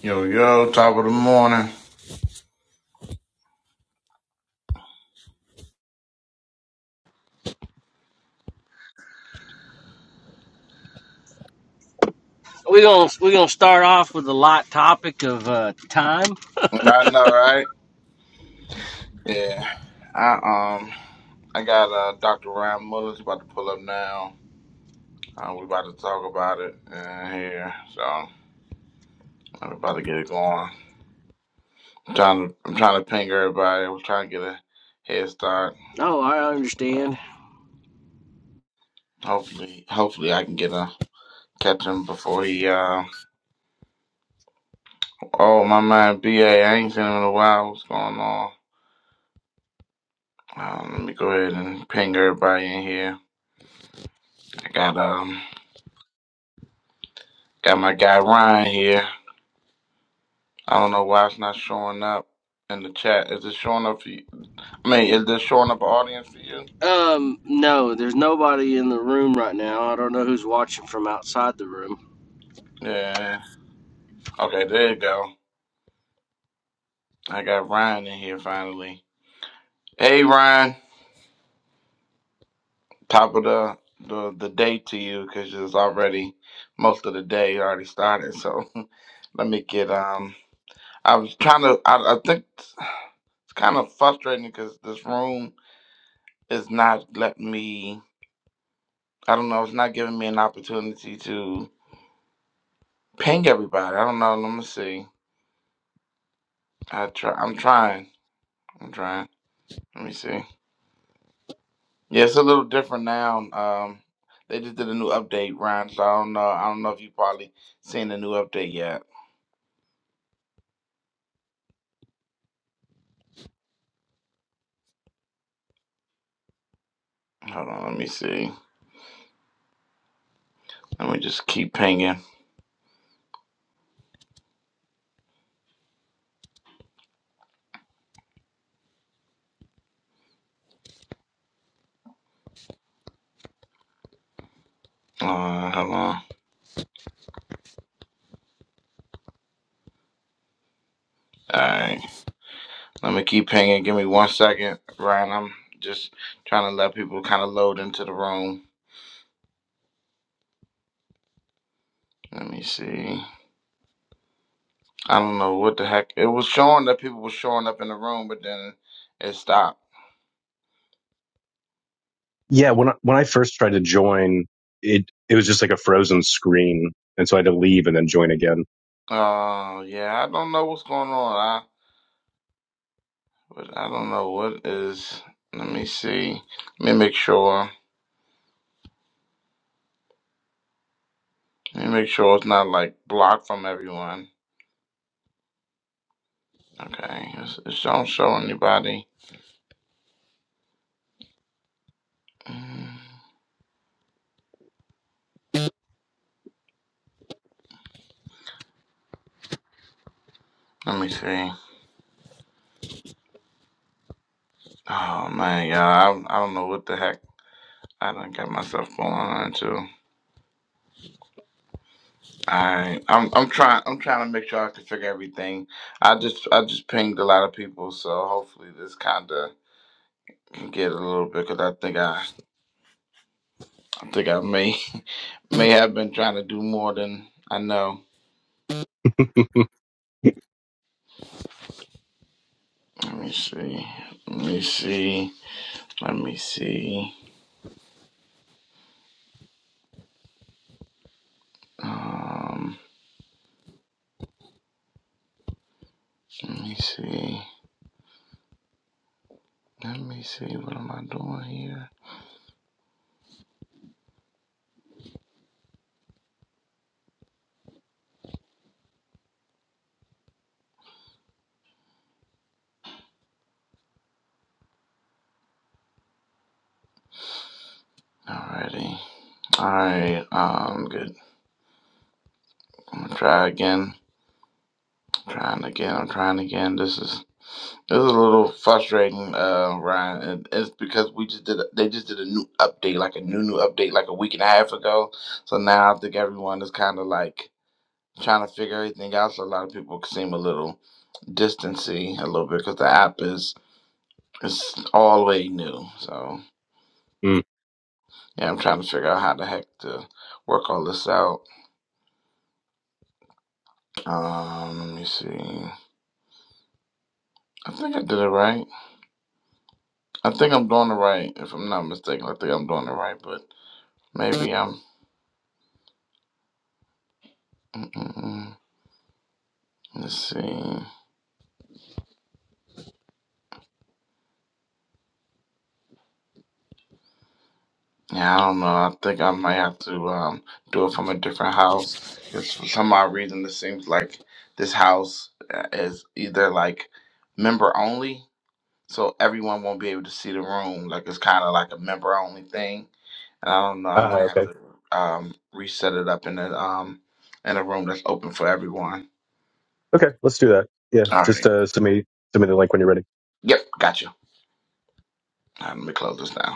Yo, yo, top of the morning. We're gonna we're gonna start off with a light topic of uh, time. I know, right? Yeah. I um I got uh Dr. Ryan Mullins about to pull up now. Uh, we about to talk about it uh, here. So I'm about to get it going. I'm trying to I'm trying to ping everybody. I was trying to get a head start, Oh, I but understand. hopefully hopefully I can get a catch him before he uh oh my man BA, I ain't seen him in a while. What's going on? Um, let me go ahead and ping everybody in here. I got um Got my guy Ryan here. I don't know why it's not showing up in the chat. Is it showing up for you? I mean, is this showing up audience for you? Um, no, there's nobody in the room right now. I don't know who's watching from outside the room. Yeah. Okay, there you go. I got Ryan in here finally. Hey Ryan, top of the the, the day to you because it's already most of the day already started. So let me get um. I was trying to. I, I think it's kind of frustrating because this room is not letting me. I don't know. It's not giving me an opportunity to. Ping everybody. I don't know. Let me see. I try. I'm trying. I'm trying. Let me see. Yeah, it's a little different now. Um, they just did a new update, Ryan. So I don't know. I don't know if you probably seen the new update yet. Hold on. Let me see. Let me just keep pinging. Uh, hold on. All right. Let me keep pinging. Give me one second, Ryan. I'm just trying to let people kind of load into the room. Let me see. I don't know what the heck. It was showing that people were showing up in the room, but then it stopped. Yeah, when I, when I first tried to join, it it was just like a frozen screen, and so I had to leave and then join again. Uh, yeah, I don't know what's going on. I, but I don't know what is. Let me see. Let me make sure. Let me make sure it's not like blocked from everyone. Okay, it's, it don't show anybody. Mm, Let me see. Oh man, yeah, I, I don't know what the heck I done got myself going on into. I I'm I'm trying I'm trying to make sure I can figure everything. I just I just pinged a lot of people, so hopefully this kind of can get a little bit because I think I I think I may. May have been trying to do more than I know. Let me see. Let me see. Let me see. Um, let me see. Let me see. What am I doing here? Alrighty. Alright. Um, good. I'm gonna try again. I'm trying again. I'm trying again. This is this is a little frustrating, uh, Ryan. And it's because we just did. A, they just did a new update, like a new new update, like a week and a half ago. So now I think everyone is kind of like trying to figure everything out. So a lot of people seem a little distancy a little bit because the app is it's all the way new. So mm. yeah, I'm trying to figure out how the heck to work all this out. Um, let me see. I think I did it right. I think I'm doing it right. If I'm not mistaken, I think I'm doing it right. But maybe I'm. Mm-mm-mm. Let's see. Yeah, I don't know. I think I might have to um, do it from a different house. Because for some odd reason, it seems like this house uh, is either like member only, so everyone won't be able to see the room. Like it's kind of like a member only thing. And I don't know. I Ah, might have okay, to um, reset it up in a um, in a room that's open for everyone. okay, let's do that. Yeah, All just right. uh, send me send me the link when you're ready. Yep. Gotcha. All right, let me close this down.